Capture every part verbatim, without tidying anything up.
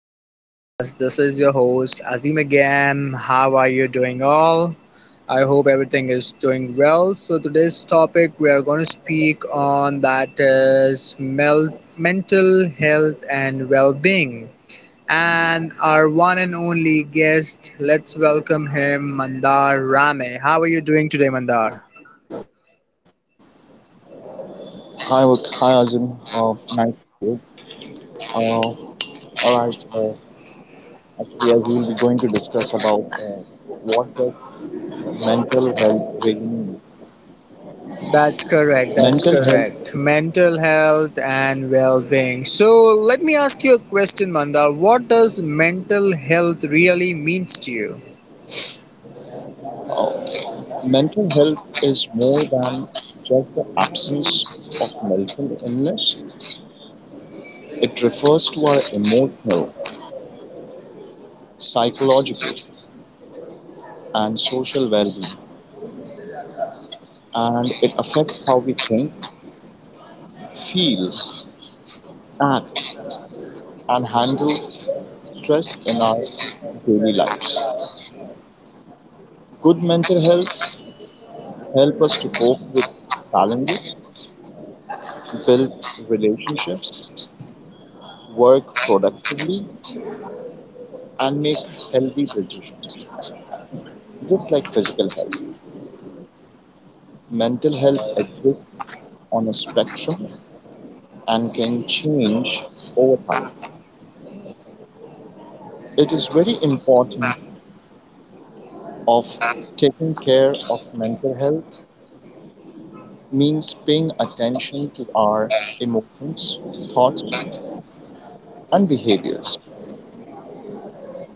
podcast. This is your host Azim again. How are you doing all? I hope everything is doing well. So today's topic we are going to speak on, that is, mel- mental health and well-being. And our one and only guest, let's welcome him, Mandar Rame. How are you doing today, Mandar? Hi, Wak- hi Azim. Uh, nice to hear you. Uh, all right. Uh, actually, as we'll be going to discuss about uh, what does mental health really mean. That's correct. That's Mental health. correct. Mental health and well being. So, let me ask you a question, Mandar. What does mental health really means to you? Uh, Mental health is more than just the absence of mental illness. It refers to our emotional, psychological, and social well-being, and it affects how we think, feel, act, and handle stress in our daily lives. Good mental health help us to cope with challenges, build relationships, work productively, and make healthy decisions. Just like physical health, mental health exists on a spectrum and can change over time. It is very important of taking care of mental health means paying attention to our emotions, thoughts and behaviors.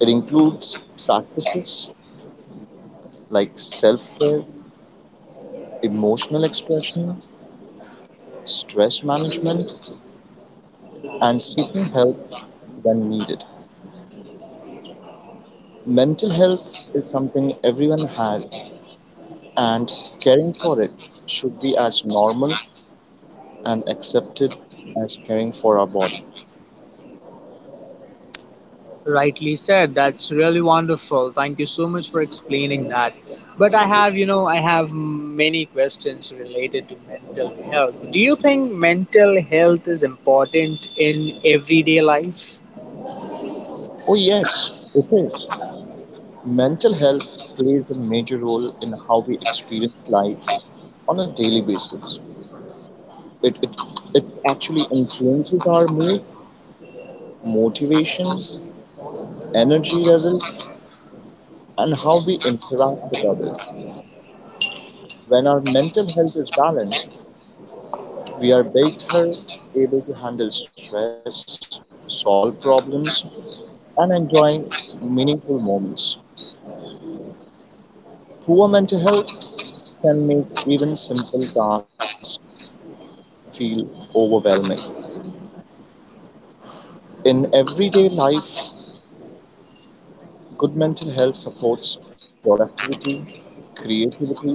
It includes practices like self care, emotional expression, stress management, and seeking help when needed. Mental health is something everyone has, and caring for it should be as normal and accepted as caring for our body. Rightly said. That's really wonderful. Thank you so much for explaining that. But I have, you know, I have many questions related to mental health. Do you think mental health is important in everyday life? Oh, yes, it is. Mental health plays a major role in how we experience life on a daily basis. It, it, it actually influences our mood, motivation, energy level, and how we interact with others. When our mental health is balanced, we are better able to handle stress, solve problems, and enjoy meaningful moments. Poor mental health can make even simple tasks feel overwhelming. In everyday life, good mental health supports productivity, creativity,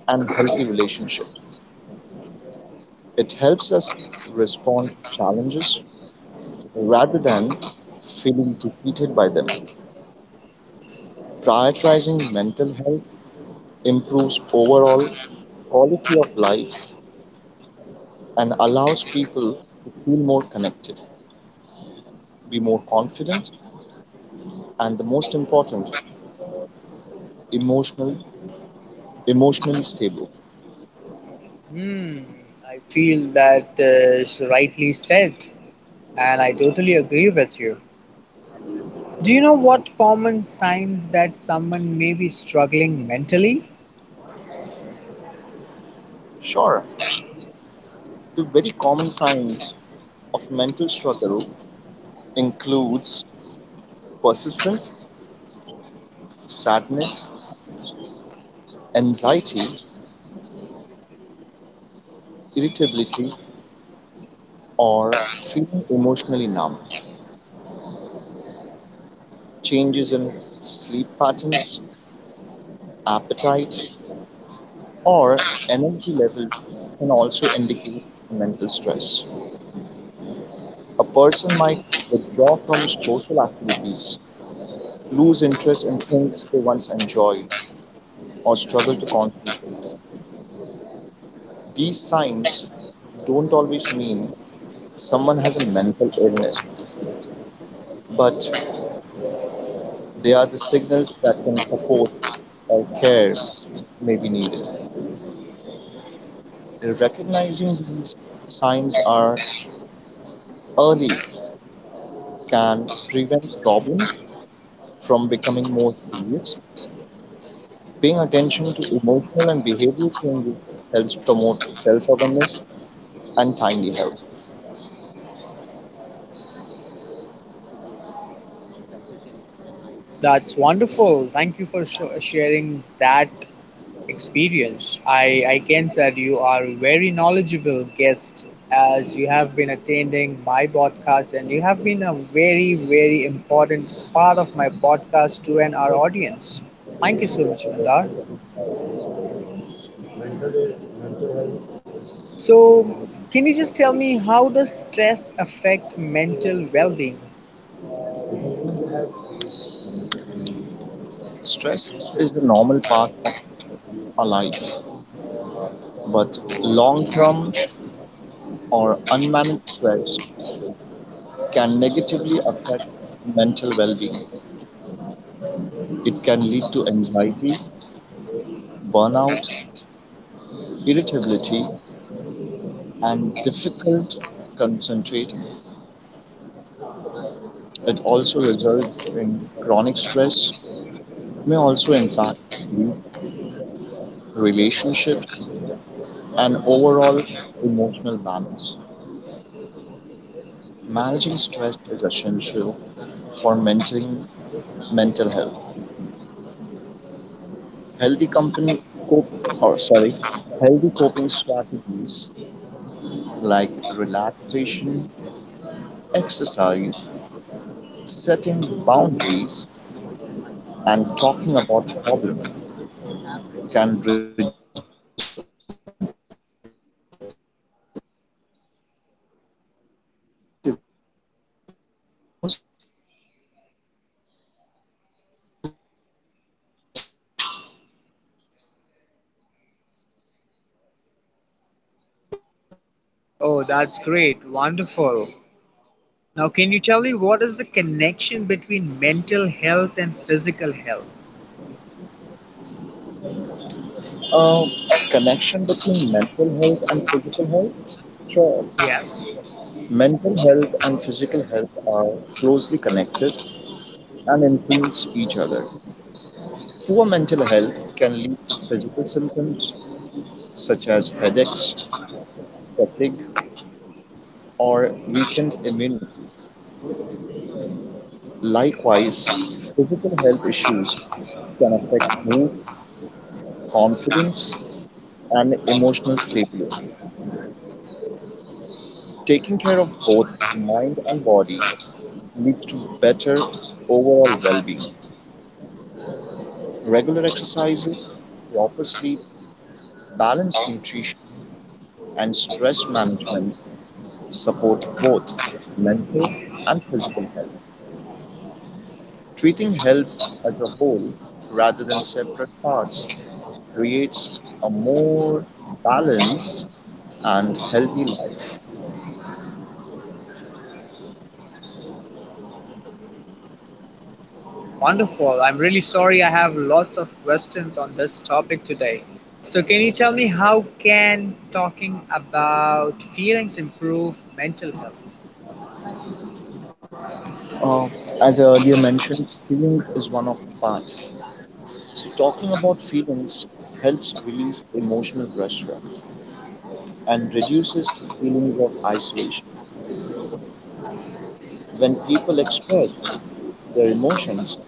and healthy relationships. It helps us respond to challenges rather than feeling defeated by them. Prioritizing mental health improves overall quality of life and allows people to feel more connected, be more confident, and the most important, emotional, emotionally stable. Hmm, I feel that uh, is rightly said, and I totally agree with you. Do you know what common signs that someone may be struggling mentally? Sure, the very common signs of mental struggle includes persistent sadness, anxiety, irritability, or feeling emotionally numb, changes in sleep patterns, appetite, or energy level can also indicate mental stress. A person might withdraw from social activities, lose interest in things they once enjoyed, or struggle to concentrate. These signs don't always mean someone has a mental illness, but they are the signals that can support or care may be needed. Recognizing these signs are early can prevent problems from becoming more serious. Paying attention to emotional and behavioral changes helps promote self awareness and timely help. That's wonderful. Thank you for sho sharing that experience. I, I can say that you are a very knowledgeable guest, as you have been attending my podcast, and you have been a very, very important part of my podcast to and our audience. Thank you so much, Mandar. So, can you just tell me how does stress affect mental well-being? Stress is the normal part of our life, but long term or unmanaged stress can negatively affect mental well being. It can lead to anxiety, burnout, irritability, and difficult concentrating. It also results in chronic stress, may also impact sleep, relationships, and overall emotional balance. Managing stress is essential for maintaining mental health. Healthy company cop- or sorry, Healthy coping strategies like relaxation, exercise, setting boundaries, and talking about problems can reduce its impact. Learning how to manage stress effectively allows people to stay emotionally resilient and mentally strong. Oh, that's great. Wonderful. Now, can you tell me what is the connection between mental health and physical health? uh, Connection between mental health and physical health? Sure. Yes. Mental health and physical health are closely connected and influence each other. Poor mental health can lead to physical symptoms such as headaches, fatigue, or weakened immunity. Likewise, physical health issues can affect mood, confidence, and emotional stability. Taking care of both mind and body leads to better overall well being. Regular exercises, proper sleep, balanced nutrition, and stress management support both mental and physical health. Treating health as a whole rather than separate parts creates a more balanced and healthy life. Wonderful. I'm really sorry I have lots of questions on this topic today. So, can you tell me how can talking about feelings improve mental health? Uh, as I earlier mentioned, healing is one of the part. So talking about feelings helps release emotional pressure and reduces feelings of isolation. When people express their emotions,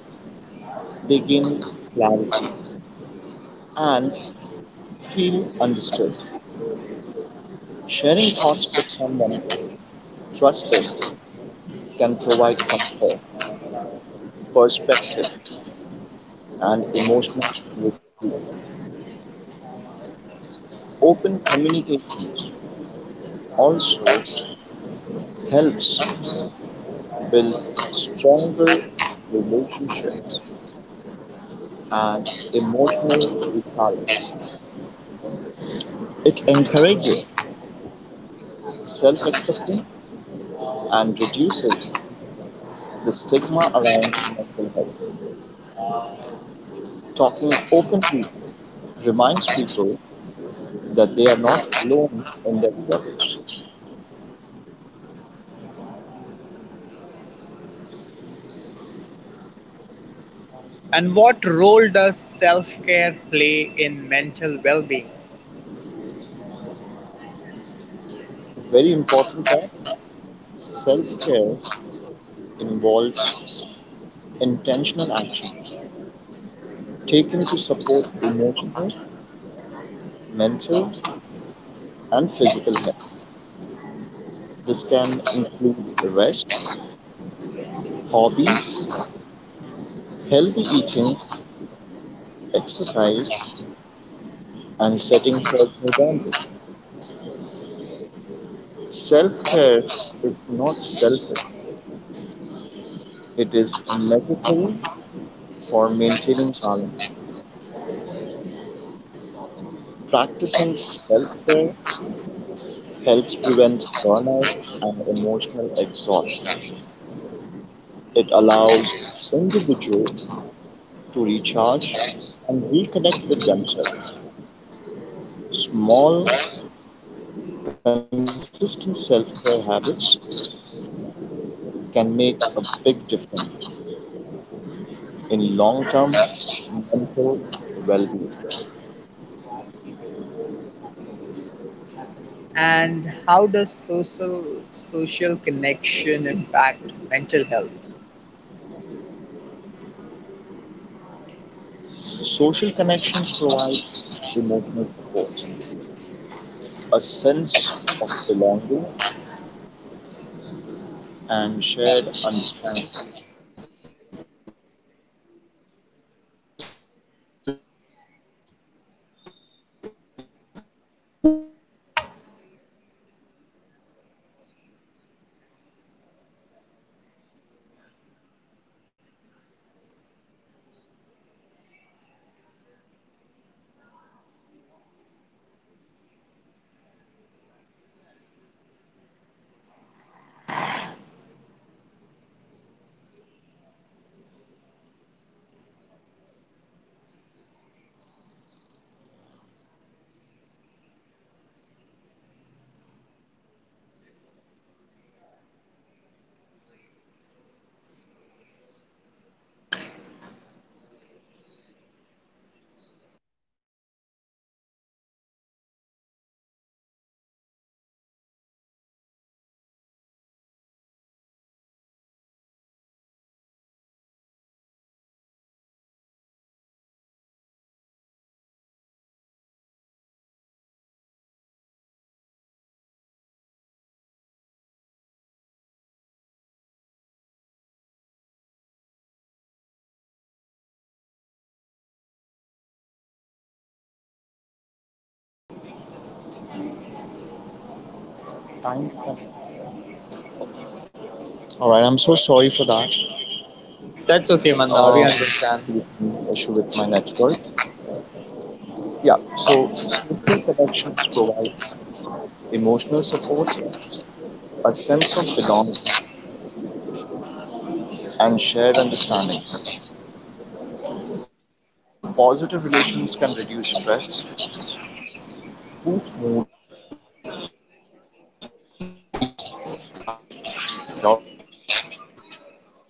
they gain clarity and feel understood. Sharing thoughts with someone trusted can provide comfort, perspective, and emotional relief. Open communication also helps build stronger relationships and emotional resilience. It encourages self acceptance and reduces the stigma around mental health. Talking openly reminds people that they are not alone in their struggles. And what role does self care play in mental well being? Very important part self care involves intentional action taken to support emotional, mental, and physical health. This can include rest, hobbies, healthy eating, exercise, and setting personal boundaries. Self care is not selfish, it is necessary for maintaining balance. Practicing self care helps prevent burnout and emotional exhaustion. It allows individuals to recharge and reconnect with themselves. Small, consistent self care habits can make a big difference in long term mental well being. And how does social social connection impact mental health? Social connections provide emotional support, a sense of belonging, and shared understanding. Positive relationships can reduce stress, boost mood, and increase feelings of happiness and security. Humans are social beings, and connection is essential for emotional health. Lack of social interaction can lead to loneliness and mental distress. Maintaining healthy relationships, even through small interactions, supports mental time. All right, I'm so sorry for that. That's okay, Mandar. We Um, understand. Issue with my network. Yeah, so social connections provide emotional support, a sense of belonging, and shared understanding. Positive relations can reduce stress, boost mood, and increase feelings of happiness and security.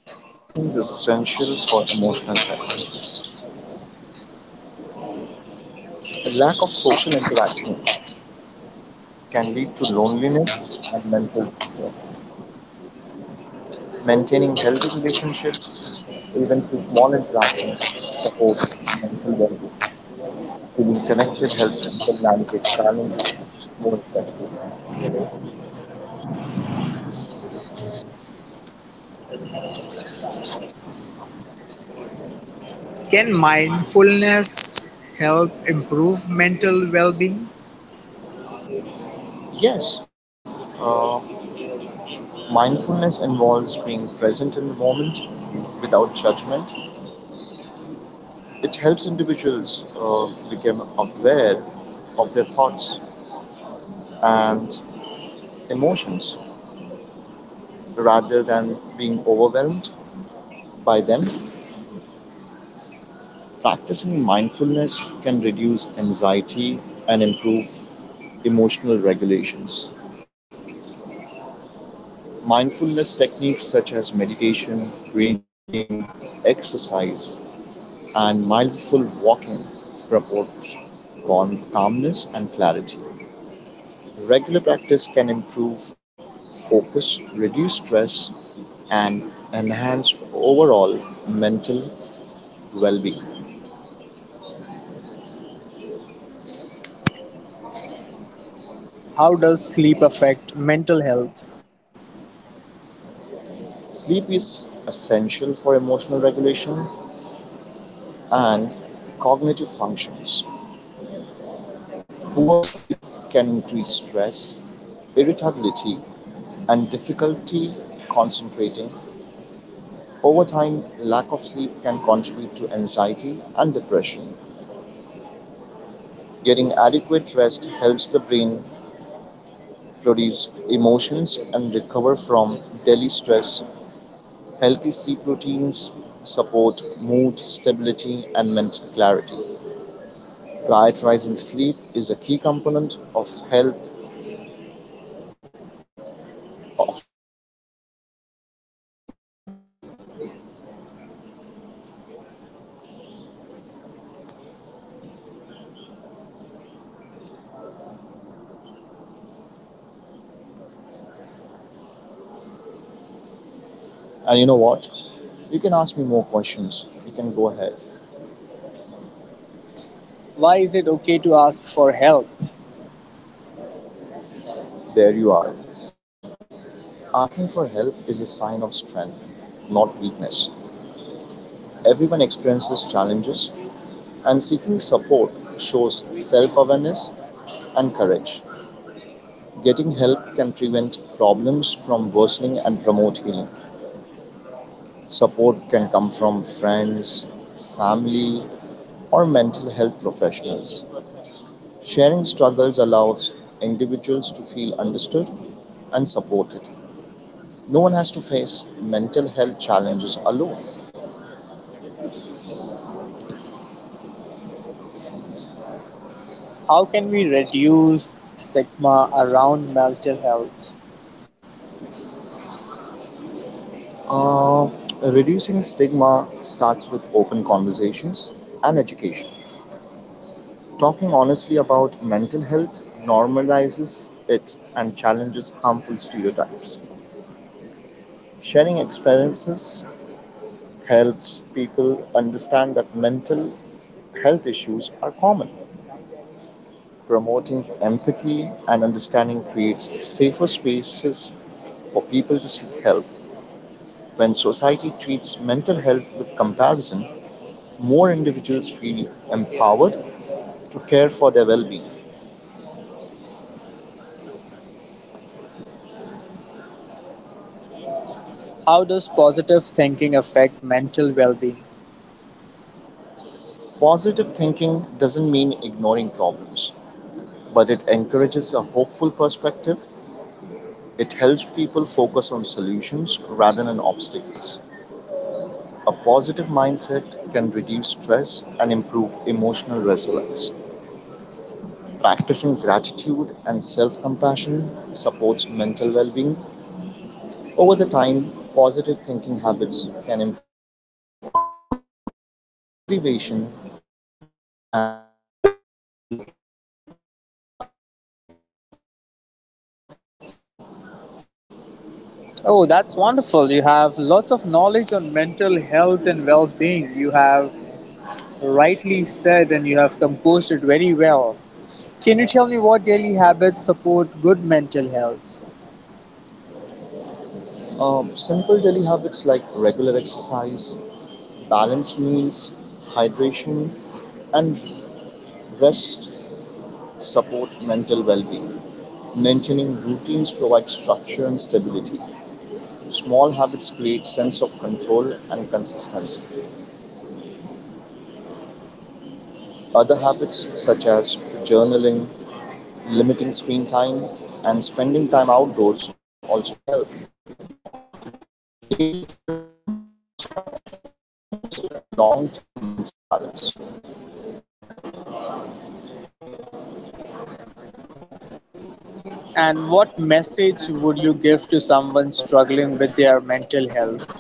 And connection is essential for emotional health. A lack of social interaction can lead to loneliness and mental distress. Maintaining healthy relationship even through small interactions, support, and mental well-being, feeling connected helps people navigate challenges more effectively. Can mindfulness help improve mental well-being? Yes, uh, mindfulness involves being present in the moment without judgment. It helps individuals uh, become aware of their thoughts and emotions rather than being overwhelmed by them. Practicing mindfulness can reduce anxiety and improve emotional regulations. Mindfulness techniques such as meditation, breathing, exercise, and mindful walking promote calmness and clarity. Regular practice can improve focus, reduce stress, and enhance overall mental well being. How does sleep affect mental health? Sleep is essential for emotional regulation and cognitive functions. Poor sleep can stress, irritability, and difficulty concentrating. Over time, lack of sleep can contribute to anxiety and depression. Getting adequate rest helps the brain produce emotions and recover from daily stress. Healthy sleep routines support mood stability and mental clarity. Prioritizing sleep is a key component of health, of key component of a mental well-being. And you know what? You can ask me more questions. You can go ahead. Why is it okay to ask for help? There you are. Asking for help is a sign of strength, not weakness. Everyone experiences challenges, and seeking support shows self awareness and courage. Getting help can prevent problems from worsening and promote healing. Support can come from friends, family, or mental health professionals. Sharing struggles allows individuals to feel understood and supported. No one has to face mental health challenges alone. How can we reduce stigma around mental health? Uh, Reducing stigma starts with open conversations education. Talking honestly about mental health normalizes it and challenges harmful stereotypes. Sharing experiences helps people understand that mental health issues are common. Promoting empathy and understanding creates safer spaces for people to seek help. When society treats mental health with comparison, more individuals feel empowered to care for their well being. How does positive thinking affect mental well being? Positive thinking doesn't mean ignoring problems, but it encourages a hopeful perspective. It helps people focus on solutions rather than obstacles. A positive mindset can reduce stress and improve emotional resilience. Practicing gratitude and self compassion supports mental well being. Over the time, positive thinking habits can improve confidence, motivation, and overall outlook on life. Oh, that's wonderful. You have lots of knowledge on mental health and well being. You have rightly said and you have composed it very well. Can you tell me what daily habits support good mental health? Um, simple daily habits like regular exercise, balanced meals, hydration, and rest support mental well being. Maintaining routines provides structure and stability. Small habits create sense of control and consistency. Other habits, such as journaling, limiting screen time, and spending time outdoors, also help. Daily care builds emotional strength and promotes long term mental balance. And what message would you give to someone struggling with their mental health?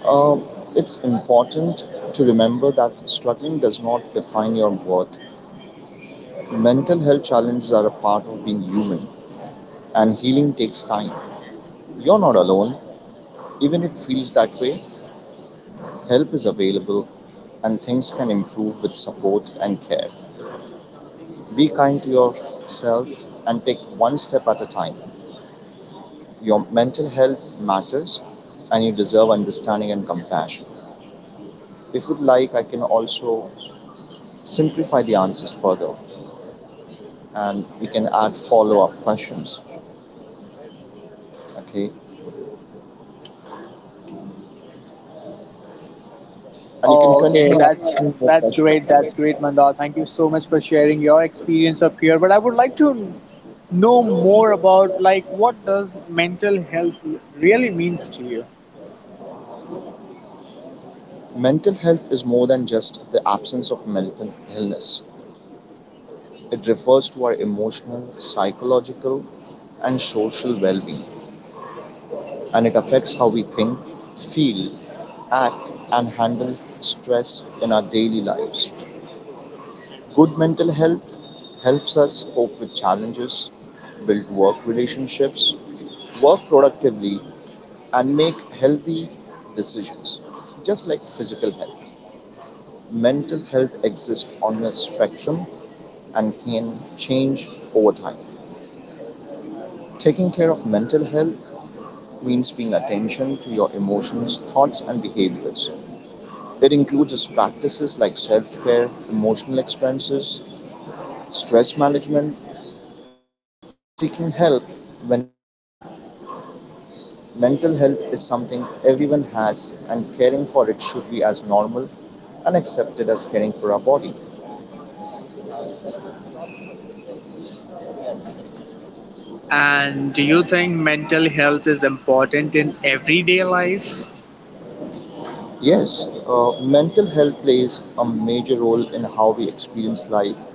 Uh, it's important to remember that struggling does not define your worth. Mental health challenges are a part of being human, and healing takes time. You're not alone, even if it feels that way. Help is available, and things can improve with support and care. Be kind to yourself and take one step at a time. Your mental health matters, and you deserve understanding and compassion. If you'd like, I can also simplify the answers further, and we can add follow-up questions. Okay, and you can Oh, okay, continue that's asking more that's questions. great. That's great, Mandar. Thank you so much for sharing your experience up here. But I would like to know more about, like, what does mental health really means to you? Mental health is more than just the absence of mental illness. It refers to our emotional, psychological, and social well-being, and it affects how we think, feel, act, and handle stress in our daily lives. Good mental health helps us cope with challenges, build work relationships, work productively, and make healthy decisions. Just like physical health, mental health exists on a spectrum and can change over time. Taking care of mental health means paying attention to your emotions, thoughts, and behaviors. It includes practices like self care, emotional expenses, stress management, and seeking help when needed. Mental health is something everyone has, and caring for it should be as normal and accepted as caring for our body. And do you think mental health is important in everyday life? Yes, uh, mental health plays a major role in how we experience life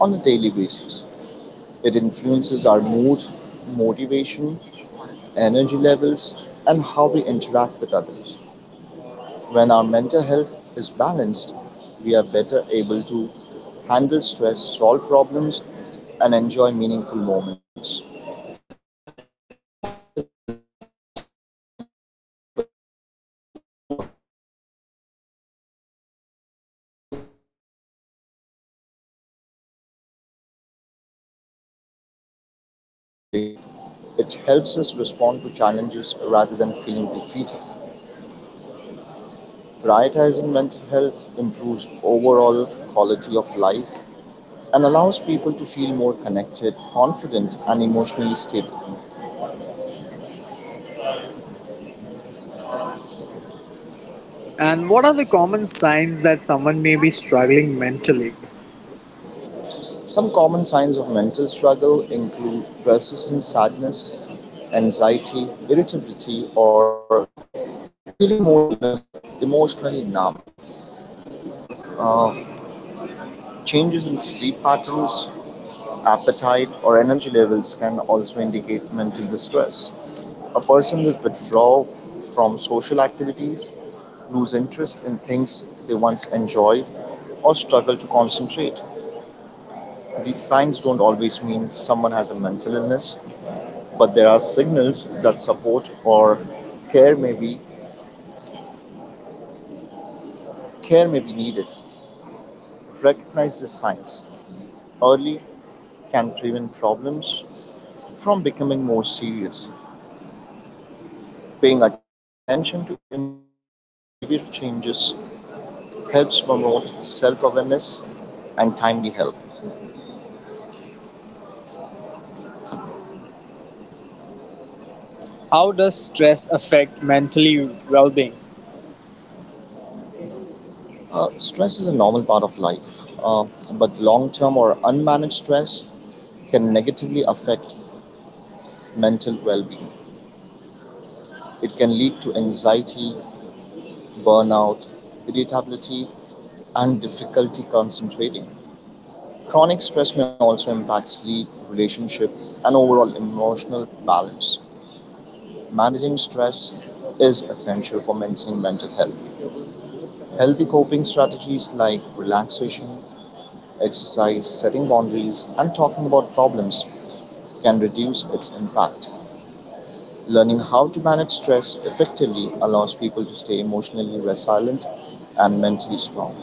on a daily basis. It influences our mood, motivation, energy levels, and how we interact with others. When our mental health is balanced, we are better able to handle stress, solve problems, and enjoy meaningful moments. Poor mental health can make even simple tasks feel overwhelming. In everyday life, good mental health supports productivity, creativity, and healthy relationships. It helps us respond to challenges rather than feeling defeated. Prioritizing mental health improves overall quality of life and allows people to feel more connected, confident, and emotionally stable. And what are the common signs that someone may be struggling mentally? Some common signs of mental struggle include persistent sadness, anxiety, irritability, or feeling more emo- emotionally numb. Uh, Changes in sleep patterns, appetite, or energy levels can also indicate mental distress. A person will withdraw from social activities, lose interest in things they once enjoyed, or struggle to concentrate. These signs don't always mean someone has a mental illness, but there are signals that support or care may be care may be needed. Recognize the signs early can prevent problems from becoming more serious. Paying attention to emotional and behavioral changes helps promote self-awareness and timely help. How does stress affect mentally well-being? Uh, stress is a normal part of life, uh, but long-term or unmanaged stress can negatively affect mental well-being. It can lead to anxiety, burnout, irritability, and difficulty concentrating. Chronic stress may also impact sleep, relationship, and overall emotional balance. Managing stress is essential for maintaining mental health. Healthy coping strategies like relaxation, exercise, setting boundaries, and talking about problems can reduce its impact. Learning how to manage stress effectively allows people to stay emotionally resilient and mentally strong.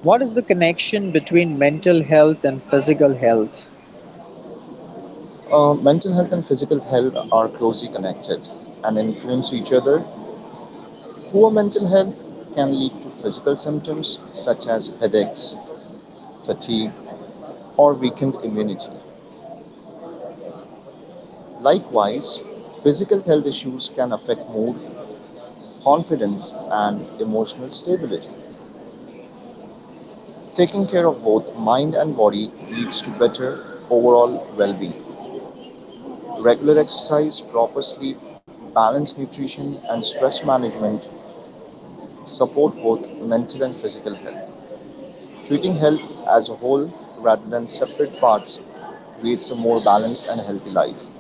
What is the connection between mental health and physical health? Uh, mental health and physical health are closely connected and influence each other. Poor mental health can lead to physical symptoms such as headaches, fatigue, or weakened immunity. Likewise, physical health issues can affect mood, confidence, and emotional stability. Taking care of both mind and body leads to better overall well being. Regular exercise, proper sleep, balanced nutrition, and stress management support both mental and physical health. Treating health as a whole rather than separate parts creates a more balanced and healthy life.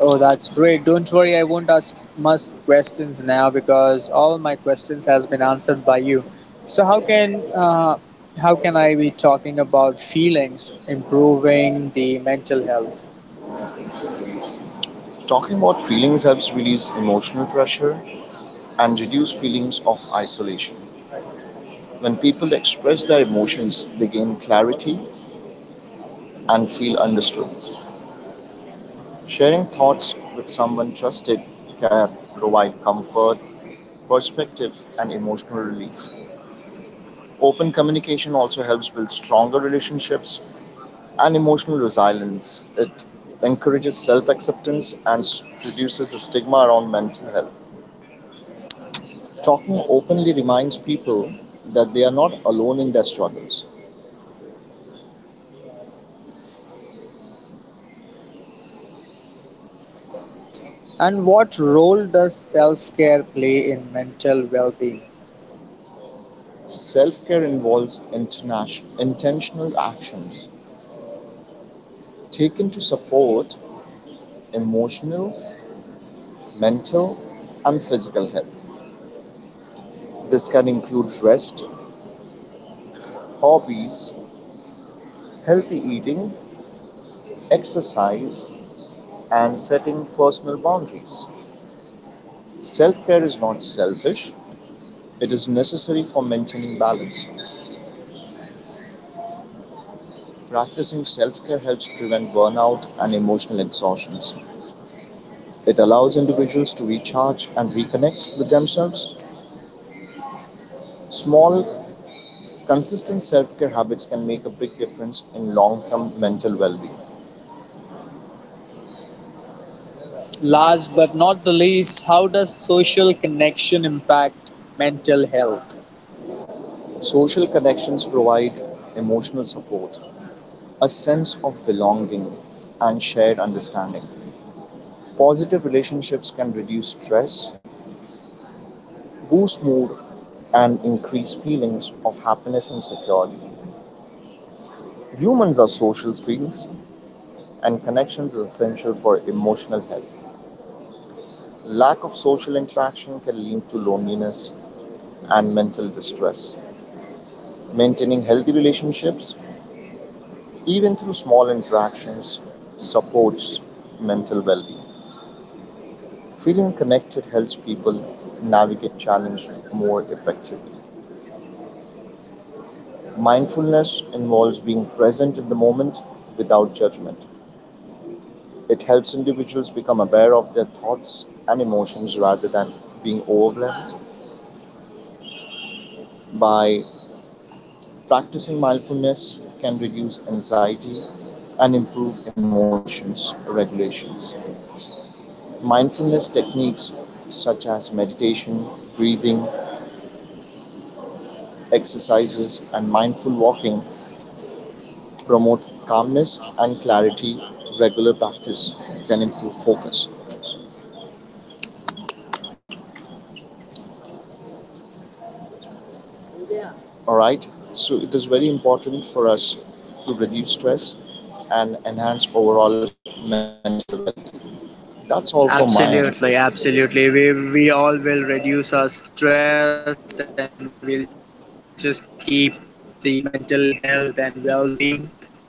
Oh, that's great. Don't worry, I won't ask much questions now because all my questions has been answered by you. So how can uh, how can I be talking about feelings improving the mental health? Talking about feelings helps release emotional pressure and reduce feelings of isolation. When people express their emotions, they gain clarity and feel understood. Sharing thoughts with someone trusted can provide comfort, perspective, and emotional relief. Open communication also helps build stronger relationships and emotional resilience. It encourages self acceptance and s- reduces the stigma around mental health. Talking openly reminds people that they are not alone in their struggles. And what role does self care play in mental well being? Self care involves internation- intentional actions taken to support emotional, mental, and physical health. This can include rest, hobbies, healthy eating, exercise, and setting personal boundaries. Self care is not selfish; it is necessary for maintaining balance. Practicing self care helps prevent burnout and emotional exhaustion. It allows individuals to recharge and reconnect with themselves. Small, consistent self care habits can make a big difference in long term mental well being. Last but not the least, how does social connection impact mental health? Social connections provide emotional support, a sense of belonging, and shared understanding. Positive relationships can reduce stress, boost mood, and increase feelings of happiness and security. Humans are social beings, and connections are essential for emotional health. Lack of social interaction can lead to loneliness and mental distress. Maintaining healthy relationships, even through small interactions, supports mental well being. Feeling connected helps people navigate challenge more effectively. Mindfulness involves being present in the moment without judgment. It helps individuals become aware of their thoughts and emotions rather than being overwhelmed. By practicing mindfulness can reduce anxiety and improve emotions regulations. Mindfulness techniques such as meditation, breathing, exercises, and mindful walking promote calmness and clarity. Regular practice can improve focus. All right. So it is very important for us to reduce stress and enhance overall mental well being. That's all from my end. Absolutely, absolutely. We we all will reduce our stress and we'll just keep the mental health and well-being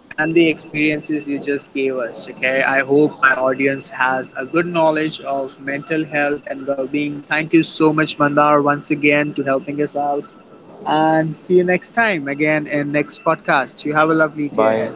and the experiences you just gave us. Okay. I hope my audience has a good knowledge of mental health and well-being. Thank you so much, Mandar, once again to helping us out. And see you next time again in next podcast. You have a lovely Bye. day ahead.